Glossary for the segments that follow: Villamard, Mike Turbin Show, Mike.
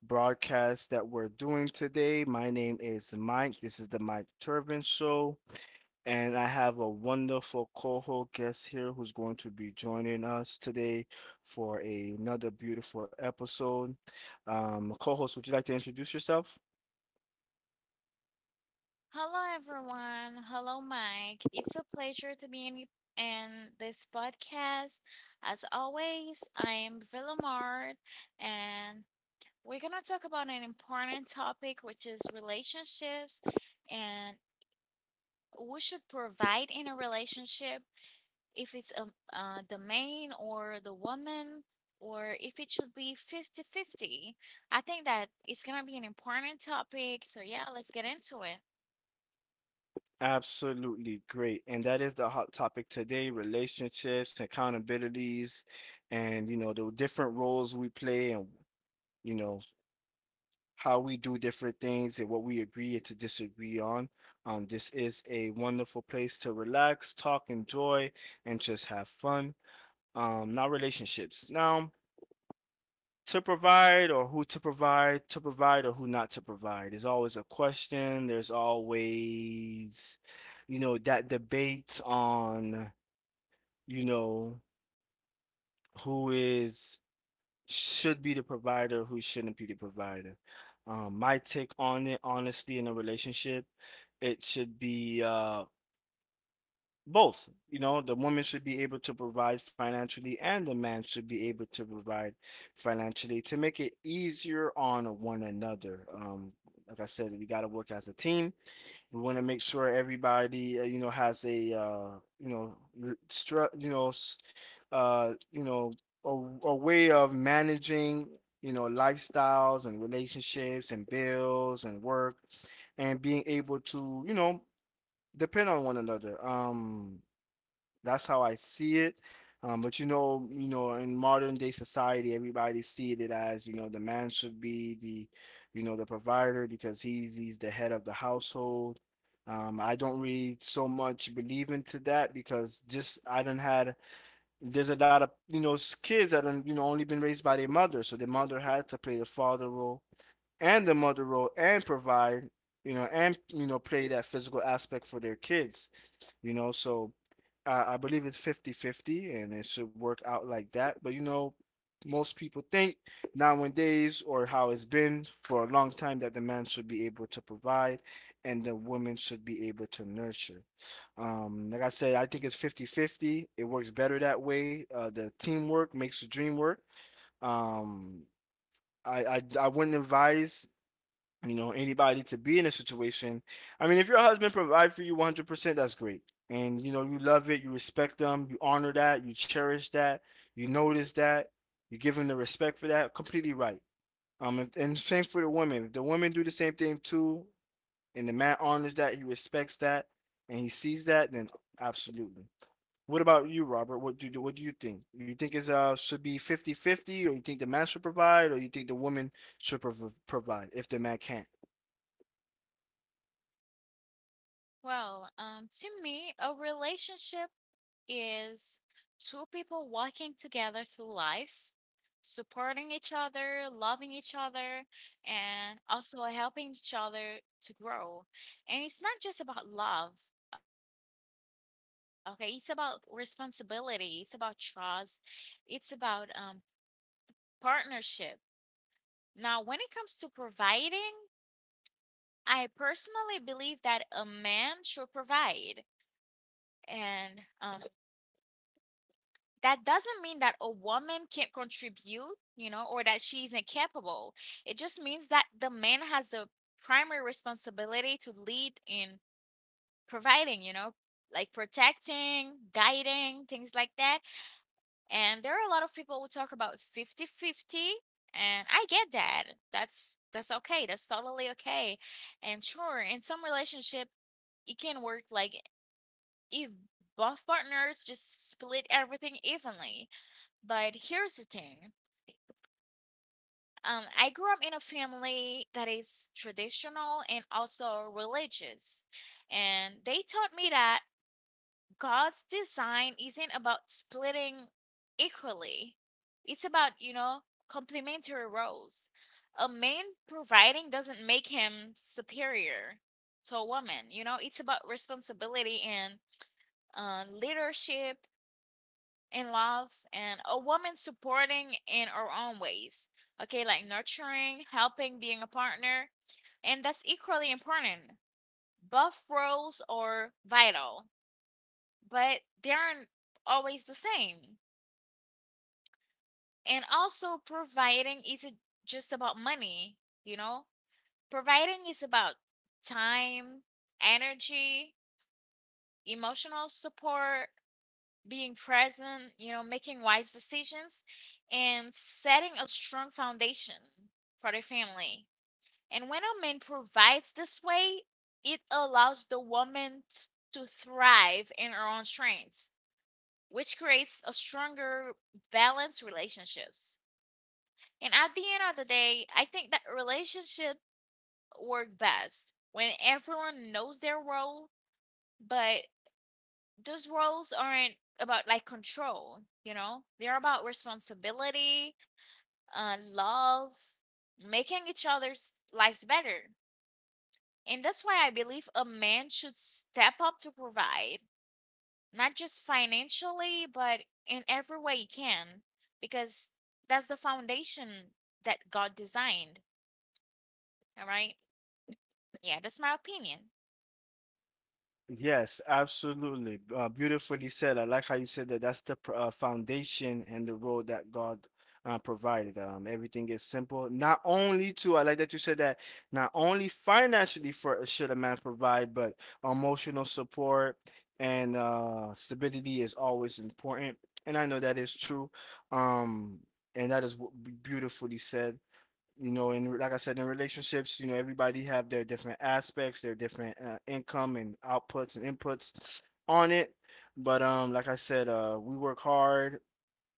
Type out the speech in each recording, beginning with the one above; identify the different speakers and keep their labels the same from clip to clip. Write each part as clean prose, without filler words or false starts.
Speaker 1: broadcast that we're doing today. My name is Mike. This is the Mike Turbin Show, and I have a wonderful co-host guest here who's going to be joining us today for another beautiful episode. Co-host, would you like to introduce yourself?
Speaker 2: Hello, everyone. Hello, Mike. It's a pleasure to be in this podcast. As always, I am Villamard, and we're going to talk about an important topic, which is relationships and who should provide in a relationship if it's the man or the woman or if it should be fifty fifty. I think that it's going to be an important topic. So yeah, let's get into it.
Speaker 1: Absolutely great. And that is the hot topic today, relationships, accountabilities, and you know, the different roles we play and you know how we do different things and what we agree and to disagree on. This is a wonderful place to relax, talk, enjoy, and just have fun. Now relationships. Now, to provide or who to provide or who not to provide. There's always a question. There's always, you know, that debate on, you know, who is should be the provider who shouldn't be the provider. My take on it, honestly, in a relationship, it should be both. You know, the woman should be able to provide financially, and the man should be able to provide financially to make it easier on one another. Like I said, we got to work as a team. We want to make sure everybody, you know, has a, you know, r- stru- you know, s- you know, a, a way of managing, you know, lifestyles and relationships and bills and work and being able to, you know, depend on one another. That's how I see it. But you know, in modern day society, everybody see it as, you know, the man should be the, you know, the provider because he's the head of the household. I don't really so much believe into that because just I done had there's a lot of you know kids that done, you know only been raised by their mother, so their mother had to play the father role and the mother role and provide, you know, and you know play that physical aspect for their kids, you know, so I believe it's 50-50, and it should work out like that. But you know, most people think nowadays or how it's been for a long time that the man should be able to provide and the woman should be able to nurture. Like I said, I think it's 50-50. It works better that way. The teamwork makes the dream work. Um, I wouldn't advise you know anybody to be in a situation. I mean if your husband provide for you 100% that's great, and you know you love it, you respect them, you honor that, you cherish that, you notice that, you give them the respect for that completely, right? If, And same for the women, if the women do the same thing too and the man honors that, he respects that and he sees that, then absolutely. What about you, Robert? What do you what do you think? You think it's should be 50 50, or you think the man should provide, or you think the woman should provide if the man can't?
Speaker 2: Well, to me, a relationship is two people walking together through life, supporting each other, loving each other, and also helping each other to grow. And it's not just about love, okay? It's about responsibility, it's about trust, it's about partnership. Now, when it comes to providing, I personally believe that a man should provide and that doesn't mean that a woman can't contribute, you know, or that she isn't capable. It just means that the man has the primary responsibility to lead in providing, you know, like protecting, guiding, things like that. And there are a lot of people who talk about fifty-fifty, and I get that. That's okay. That's totally okay. And sure, in some relationship, it can work like if both partners just split everything evenly, but here's the thing. I grew up in a family that is traditional and also religious. And they taught me that God's design isn't about splitting equally. It's about, you know, complementary roles. A man providing doesn't make him superior to a woman. You know, it's about responsibility and leadership and love and a woman supporting in her own ways. Okay, like nurturing, helping, being a partner. And that's equally important. Both roles are vital, but they aren't always the same. And also, providing isn't just about money, you know? Providing is about time, energy, emotional support, being present, you know, making wise decisions and setting a strong foundation for their family. And when a man provides this way, it allows the woman to thrive in her own strengths, which creates a stronger, balanced relationships. And at the end of the day, I think that relationship work best when everyone knows their role, but those roles aren't about like control, you know? They're about responsibility, love, making each other's lives better. And that's why I believe a man should step up to provide, not just financially, but in every way he can, because that's the foundation that God designed. All right. Yeah, that's my opinion.
Speaker 1: Yes, absolutely. Beautifully said. I like how you said that that's the foundation and the road that God provided. Everything is simple. Not only to, I like that you said that, not only financially for should a man provide, but emotional support and stability is always important. And I know that is true. Um, and that is beautifully said. You know and like I said in relationships you know everybody have their different aspects, their different income and outputs and inputs on it. But like I said, we work hard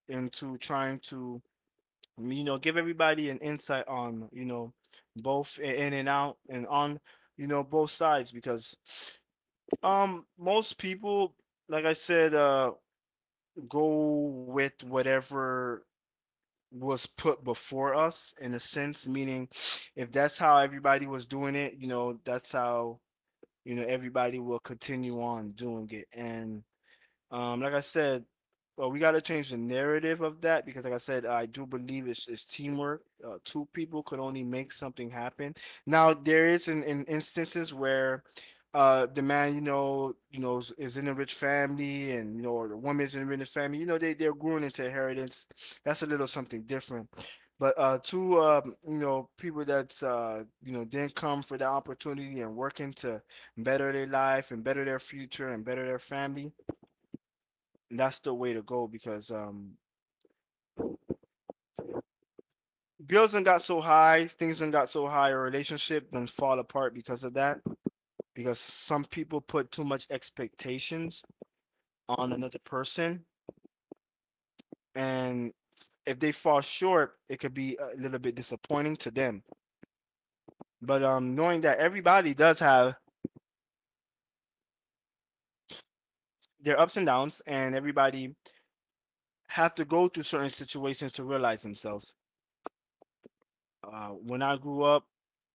Speaker 1: into trying to, you know, give everybody an insight on, you know, both in and out and on, you know, both sides. Because most people, like I said, go with whatever was put before us in a sense, meaning if that's how everybody was doing it, you know, that's how, you know, everybody will continue on doing it. And like I said, well, we got to change the narrative of that because, like I said, I do believe it's teamwork. Two people could only make something happen. Now, there is in instances where the man, you know, is in a rich family, and you know, or the woman's in a rich family. You know, they're growing into inheritance. That's a little something different. But two, you know, people that you know didn't come for the opportunity and working to better their life and better their future and better their family, and that's the way to go because bills done got so high, things done got so high, a relationship then fall apart because of that. Because some people put too much expectations on another person, and if they fall short, it could be a little bit disappointing to them. But knowing that everybody does have their ups and downs, and everybody have to go through certain situations to realize themselves. When I grew up,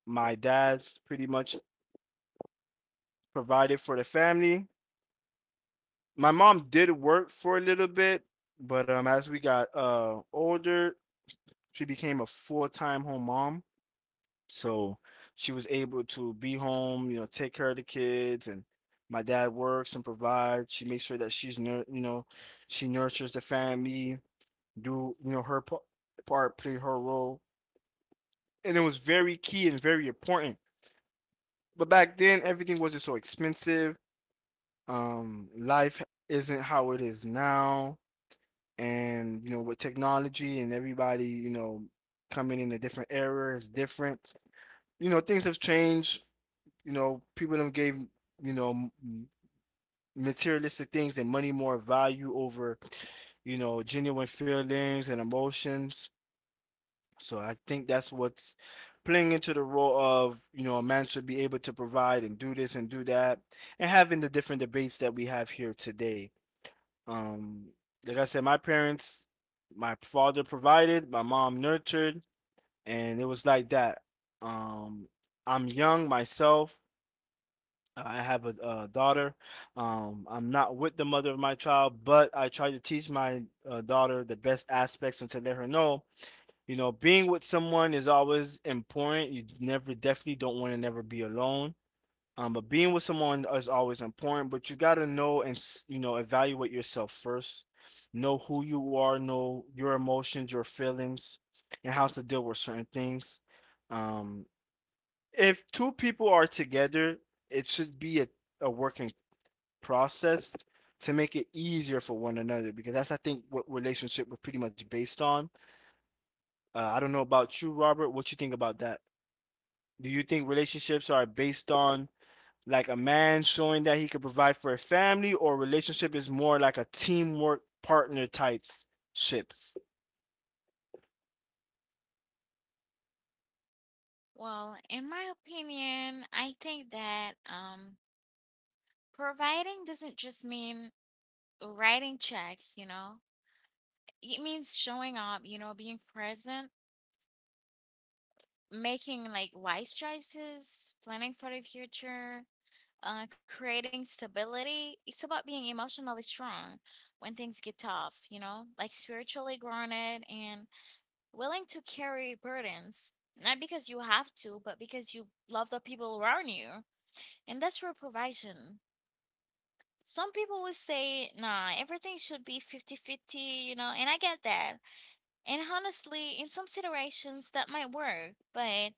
Speaker 1: my dad's pretty much provided for the family. My mom did work for a little bit, but as we got older, she became a full time home mom. So she was able to be home, you know, take care of the kids, and my dad works and provides. She makes sure that she's you know, she nurtures the family, do you know her part, play her role, and it was very key and very important. But back then, everything wasn't so expensive. Life isn't how it is now, and you know with technology and everybody, you know, coming in a different era is different. You know things have changed. You know people them gave, you know, m- materialistic things and money more value over, you know, genuine feelings and emotions. So I think that's what's playing into the role of, you know, a man should be able to provide and do this and do that, and having the different debates that we have here today. Um, like I said, my parents, my father provided, my mom nurtured, and it was like that. Um, I'm young myself. I have a daughter. I'm not with the mother of my child, but I try to teach my daughter the best aspects and to let her know, you know, being with someone is always important. You never, definitely don't want to never be alone. But being with someone is always important, but you gotta know and you know evaluate yourself first. Know who you are, know your emotions, your feelings, and how to deal with certain things. Um, if two people are together, it should be a working process to make it easier for one another because that's I think what relationship was pretty much based on. I don't know about you, Robert. What you think about that? Do you think relationships are based on like a man showing that he could provide for a family, or relationship is more like a teamwork partner type ships.
Speaker 2: Well, in my opinion, I think that providing doesn't just mean writing checks, you know, it means showing up, you know, being present, making like wise choices, planning for the future, creating stability. It's about being emotionally strong when things get tough, you know, like spiritually grounded and willing to carry burdens. Not because you have to, but because you love the people around you. And that's your provision. Some people will say, nah, everything should be fifty-fifty, you know, and I get that. And honestly, in some situations that might work, but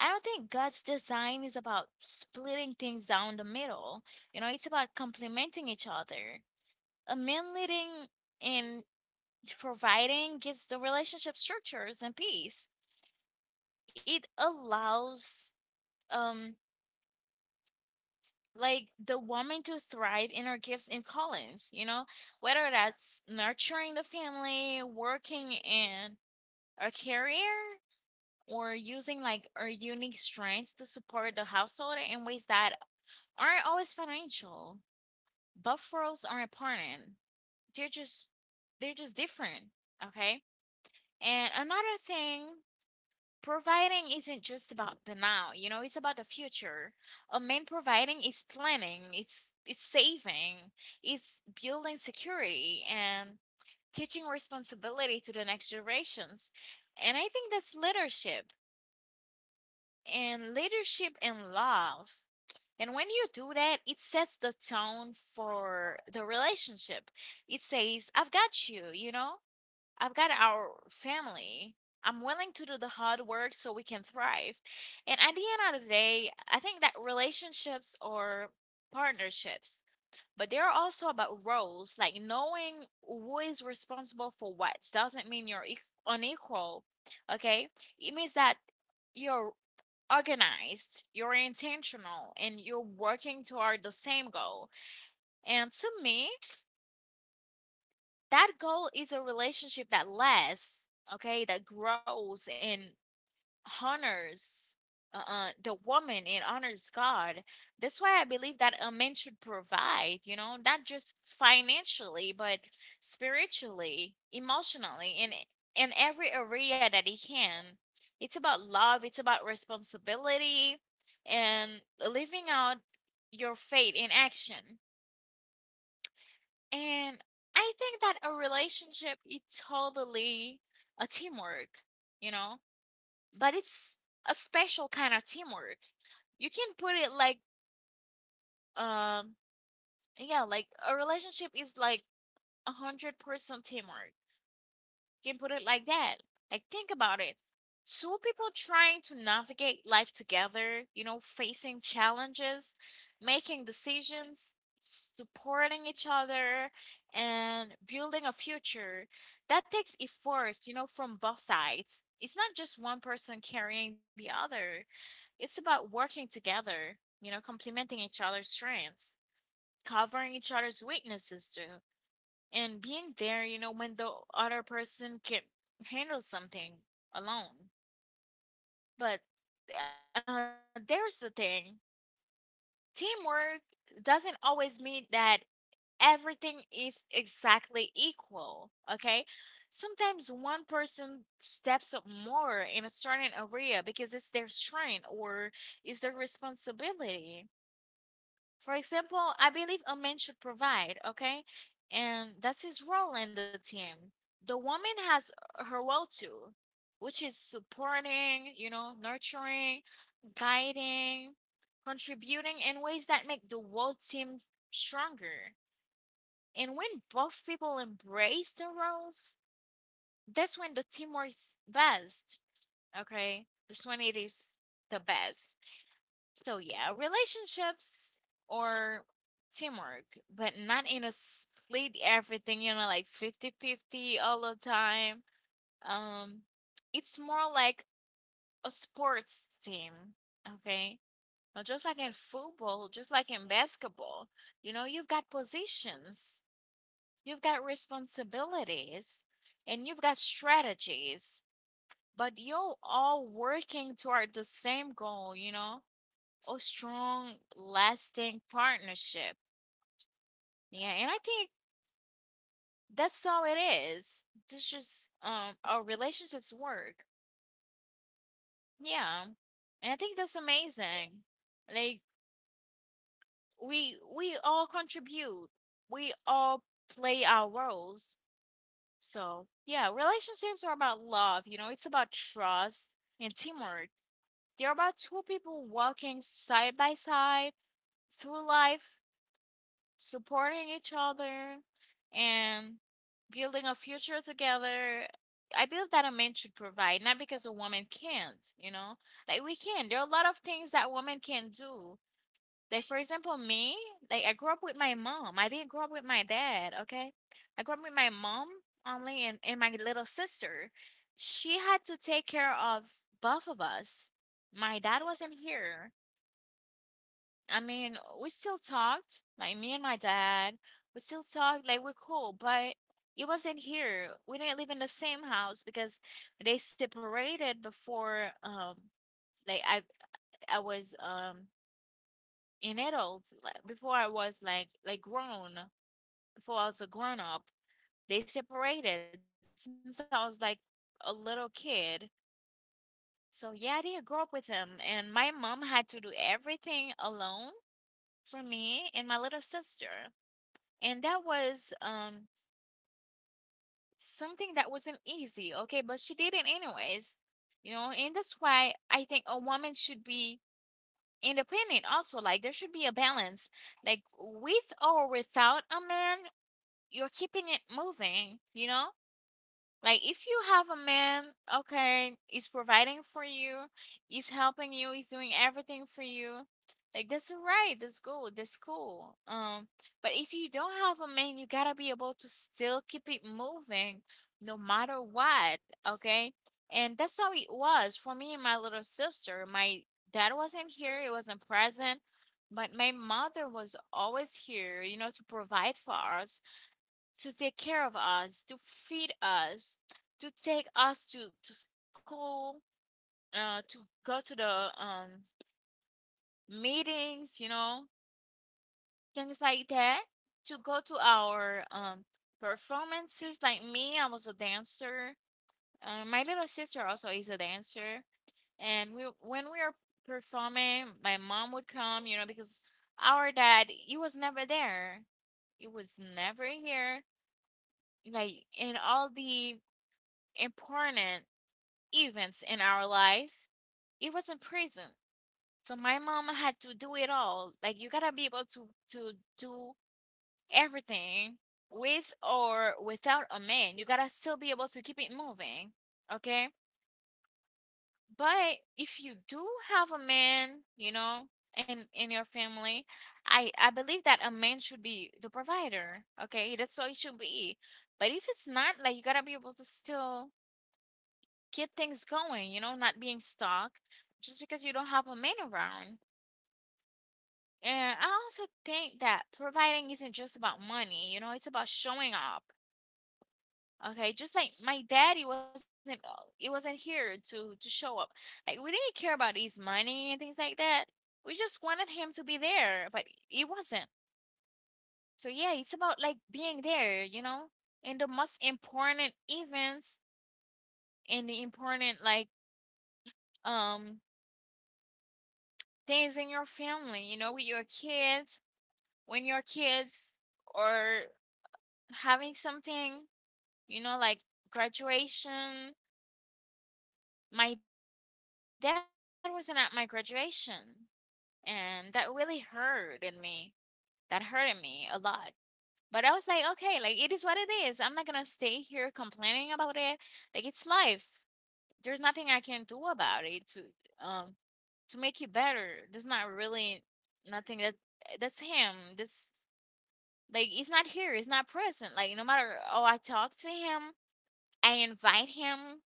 Speaker 2: I don't think God's design is about splitting things down the middle. You know, it's about complementing each other. A man leading and providing gives the relationship structures and peace. It allows um like the woman to thrive in her gifts and callings, you know, whether that's nurturing the family, working in a career or using like our unique strengths to support the household in ways that aren't always financial. Both roles are important. They're just they're just different. Okay. And another thing, providing isn't just about the now, you know, it's about the future. A man providing is planning, it's saving, it's building security and teaching responsibility to the next generations. And I think that's leadership. And leadership and love. And when you do that, it sets the tone for the relationship. It says, I've got you, you know, I've got our family. I'm willing to do the hard work so we can thrive. And at the end of the day, I think that relationships are partnerships, but they're also about roles, like knowing who is responsible for what. Doesn't mean you're unequal, okay? It means that you're organized, you're intentional, and you're working toward the same goal. And to me, that goal is a relationship that lasts, okay, that grows and honors the woman, it honors God. That's why I believe that a man should provide, you know, not just financially but spiritually, emotionally, in every area that he can. It's about love, it's about responsibility and living out your faith in action. And I think that a relationship is totally a teamwork, you know, but it's a special kind of teamwork. You can put it like um yeah, like a relationship is like 100% teamwork. You can put it like that. Like, think about it. Two people trying to navigate life together, you know, facing challenges, making decisions, supporting each other, and building a future. That takes effort, you know, from both sides. It's not just one person carrying the other, it's about working together, you know, complementing each other's strengths, covering each other's weaknesses, too, and being there, you know, when the other person can handle something alone. But there's the thing, teamwork doesn't always mean that everything is exactly equal, okay? Sometimes one person steps up more in a certain area because it's their strength or it's their responsibility. For example, I believe a man should provide, okay? And that's his role in the team. The woman has her role too, which is supporting, you know, nurturing, guiding, contributing in ways that make the whole team stronger. And when both people embrace their roles, that's when the team works best, okay? That's when it is the best. So yeah, relationships or teamwork, but not in a split everything, you know, like fifty-fifty all the time. Um it's more like a sports team, okay? Now, just like in football, just like in basketball, you know, you've got positions, you've got responsibilities, and you've got strategies, but you're all working toward the same goal, you know? A strong, lasting partnership. Yeah, and I think that's how it is. It's just our relationships work. Yeah. And I think that's amazing. Like we all contribute. We all play our roles. So yeah, relationships are about love, you know, it's about trust and teamwork. They're about two people walking side by side through life, supporting each other and building a future together. I believe that a man should provide, not because a woman can't, you know? Like we can. There are a lot of things that women can do. Like for example, me, like I grew up with my mom. I didn't grow up with my dad, okay? I grew up with my mom only and my little sister. She had to take care of both of us. My dad wasn't here. I mean, we still talked, like me and my dad, we still talked, like we're cool, but it wasn't here. We didn't live in the same house because they separated before like I was in adult, like before I was like grown, before I was a grown up. They separated since I was like a little kid. So yeah, I didn't grow up with him and my mom had to do everything alone for me and my little sister. And that was something that wasn't easy, okay, but she did it anyways, you know. And that's why I think a woman should be independent also, like there should be a balance, like with or without a man, you're keeping it moving, you know. Like if you have a man, okay, is providing for you, is helping you, is doing everything for you. Like that's all right, that's good, that's cool. But if you don't have a man, you gotta be able to still keep it moving no matter what, okay? And that's how it was for me and my little sister. My dad wasn't here, he wasn't present, but my mother was always here, you know, to provide for us, to take care of us, to feed us, to take us to school, to go to the meetings, you know, things like that, to go to our performances. Like me, I was a dancer. My little sister also is a dancer. And we, when we were performing, my mom would come, you know, because our dad, he was never there. He was never here. Like in all the important events in our lives. It was in prison. So my mom had to do it all. Like you gotta be able to do everything with or without a man. You gotta still be able to keep it moving. Okay? But if you do have a man, you know, in your family, I believe that a man should be the provider. Okay? That's how it should be. But if it's not, like you gotta be able to still keep things going, you know, not being stuck just because you don't have a man around. And I also think that providing isn't just about money, you know, it's about showing up. Okay, just like my daddy wasn't he wasn't here to show up. Like we didn't care about his money and things like that. We just wanted him to be there, but he wasn't. So yeah, it's about like being there, you know, in the most important events and the important like um things in your family, you know, with your kids, when your kids are having something, you know, like graduation. My dad wasn't at my graduation, and that really hurted me. That hurted me a lot. But I was like, okay, like it is what it is. I'm not gonna stay here complaining about it. Like it's life. There's nothing I can do about it to make it better. There's not really nothing that that's him. That's Like he's not here, he's not present. Like no matter I talk to him, I invite him.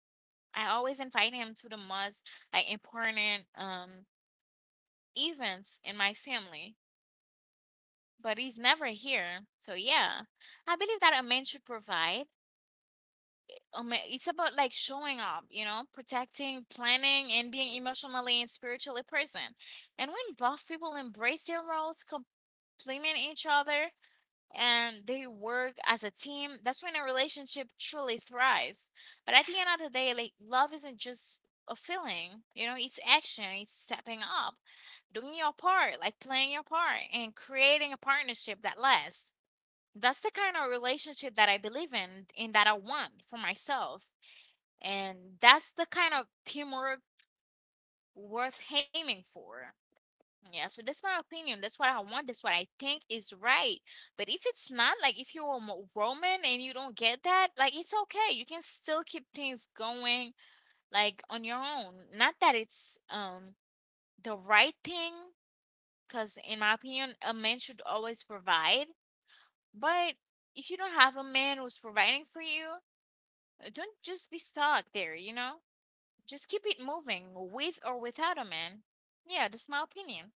Speaker 2: I always invite him to the most like important events in my family. But he's never here. So yeah. I believe that a man should provide. It's about like showing up, you know, protecting, planning, and being emotionally and spiritually present. And when both people embrace their roles, complement each other, and they work as a team, that's when a relationship truly thrives. But at the end of the day, like love isn't just a feeling, you know, it's action, it's stepping up, doing your part, like playing your part and creating a partnership that lasts. That's the kind of relationship that I believe in and that I want for myself. And that's the kind of teamwork worth aiming for. Yeah, so that's my opinion. That's what I want. That's what I think is right. But if it's not, like if you're a Roman and you don't get that, like it's okay. You can still keep things going like on your own. Not that it's the right thing, because in my opinion, a man should always provide. But if you don't have a man who's providing for you, don't just be stuck there, you know? Just keep it moving with or without a man. Yeah, that's my opinion.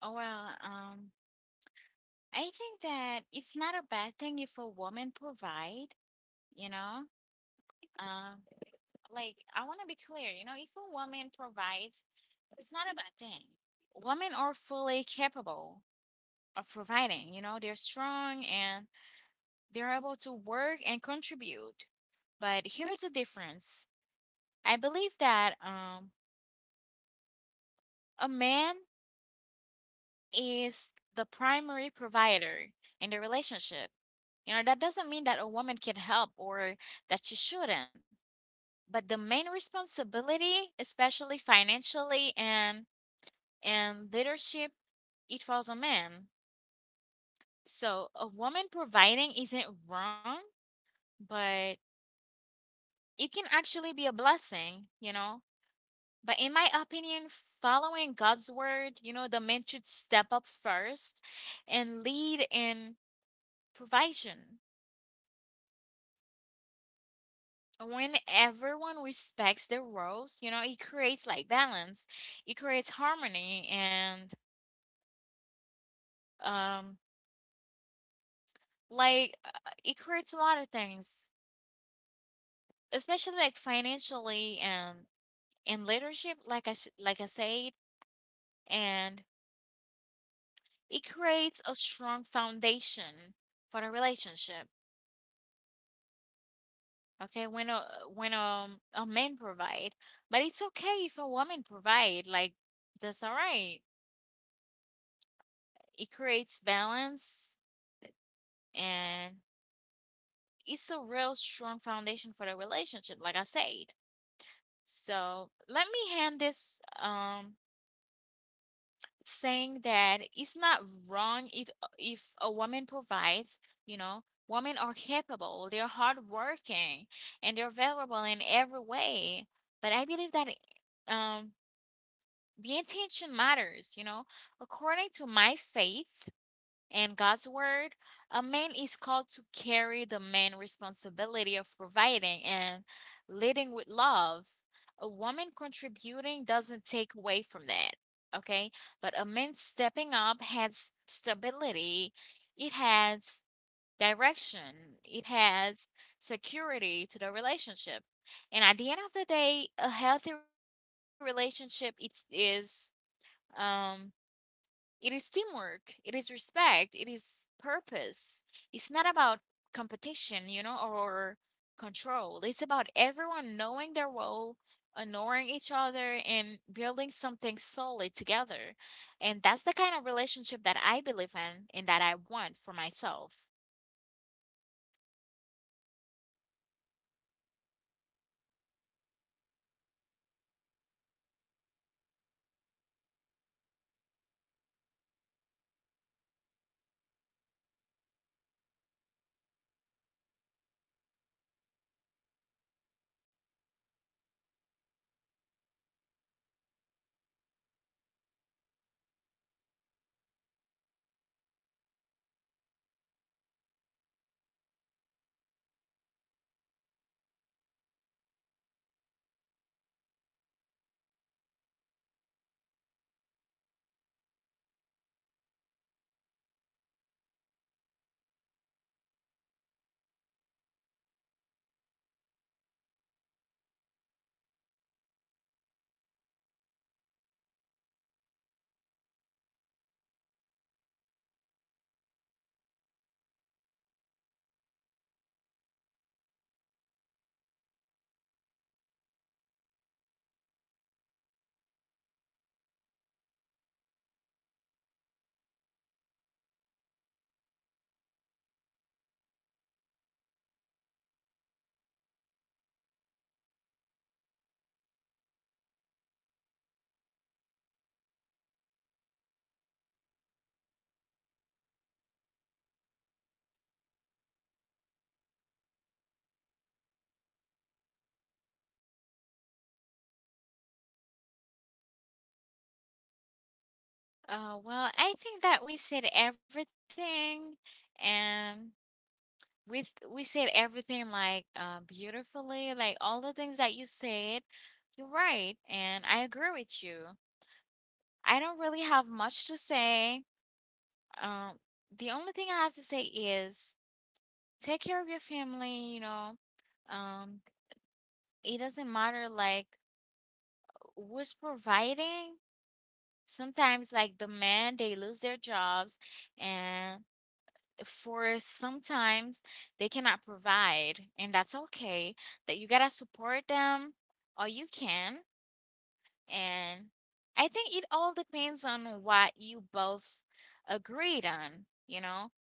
Speaker 2: Oh well, I think that it's not a bad thing if a woman provide, you know. Um, like I want to be clear, you know, if a woman provides, it's not a bad thing. Women are fully capable of providing, you know, they're strong and they're able to work and contribute. But here's the difference. I believe that a man is the primary provider in the relationship. You know, that doesn't mean that a woman can help or that she shouldn't, but the main responsibility, especially financially and in leadership, it falls on men. So a woman providing isn't wrong, but it can actually be a blessing, you know. But in my opinion, following God's word, you know, the men should step up first and lead in provision. When everyone respects their roles, you know, it creates like balance, it creates harmony, and um, like uh, it creates a lot of things, especially like financially and leadership, like like I said, and it creates a strong foundation for the relationship. Okay, when a man provide, but it's okay if a woman provide, like that's all right. It creates balance and it's a real strong foundation for the relationship, like I said. So let me hand this saying that it's not wrong it if a woman provides, you know, women are capable, they're hardworking, and they're valuable in every way. But I believe that um the intention matters, you know. According to my faith, in God's word, a man is called to carry the main responsibility of providing and leading with love. A woman contributing doesn't take away from that, okay? But a man stepping up has stability, it has direction, it has security to the relationship. And at the end of the day, a healthy relationship um it is teamwork, it is respect, it is purpose. It's not about competition, you know, or control. It's about everyone knowing their role, honoring each other, and building something solid together. And that's the kind of relationship that I believe in and that I want for myself. Well, I think that we said everything. And we said everything like beautifully, like all the things that you said. You're right, and I agree with you. I don't really have much to say. Um, the only thing I have to say is take care of your family. You know, um, it doesn't matter like who's providing. Sometimes, like the men, they lose their jobs, and for sometimes they cannot provide, and that's okay. That you gotta support them all you can. And I think it all depends on what you both agreed on, you know?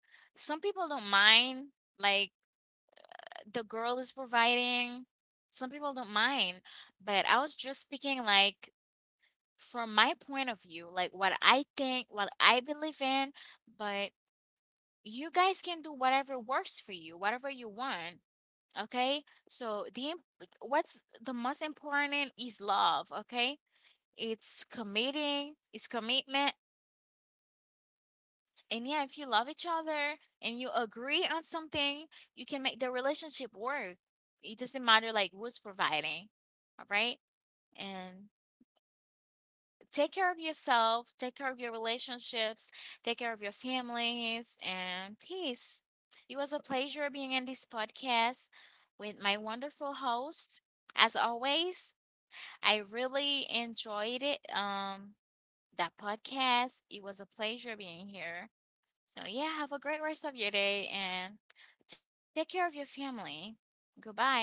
Speaker 2: Some people don't mind, like the girl is providing, some people don't mind, but I was just speaking like from my point of view, like what I think, what I believe in, but you guys can do whatever works for you, whatever you want. Okay. So the what's the most important is love. Okay. It's committing, it's commitment. And yeah, if you love each other and you agree on something, you can make the relationship work. It doesn't matter like who's providing. All right. And take care of yourself, take care of your relationships, take care of your families, and peace. It was a pleasure being in this podcast with my wonderful host. As always, I really enjoyed it. That podcast. It was a pleasure being here. So yeah, have a great rest of your day and take care of your family. Goodbye.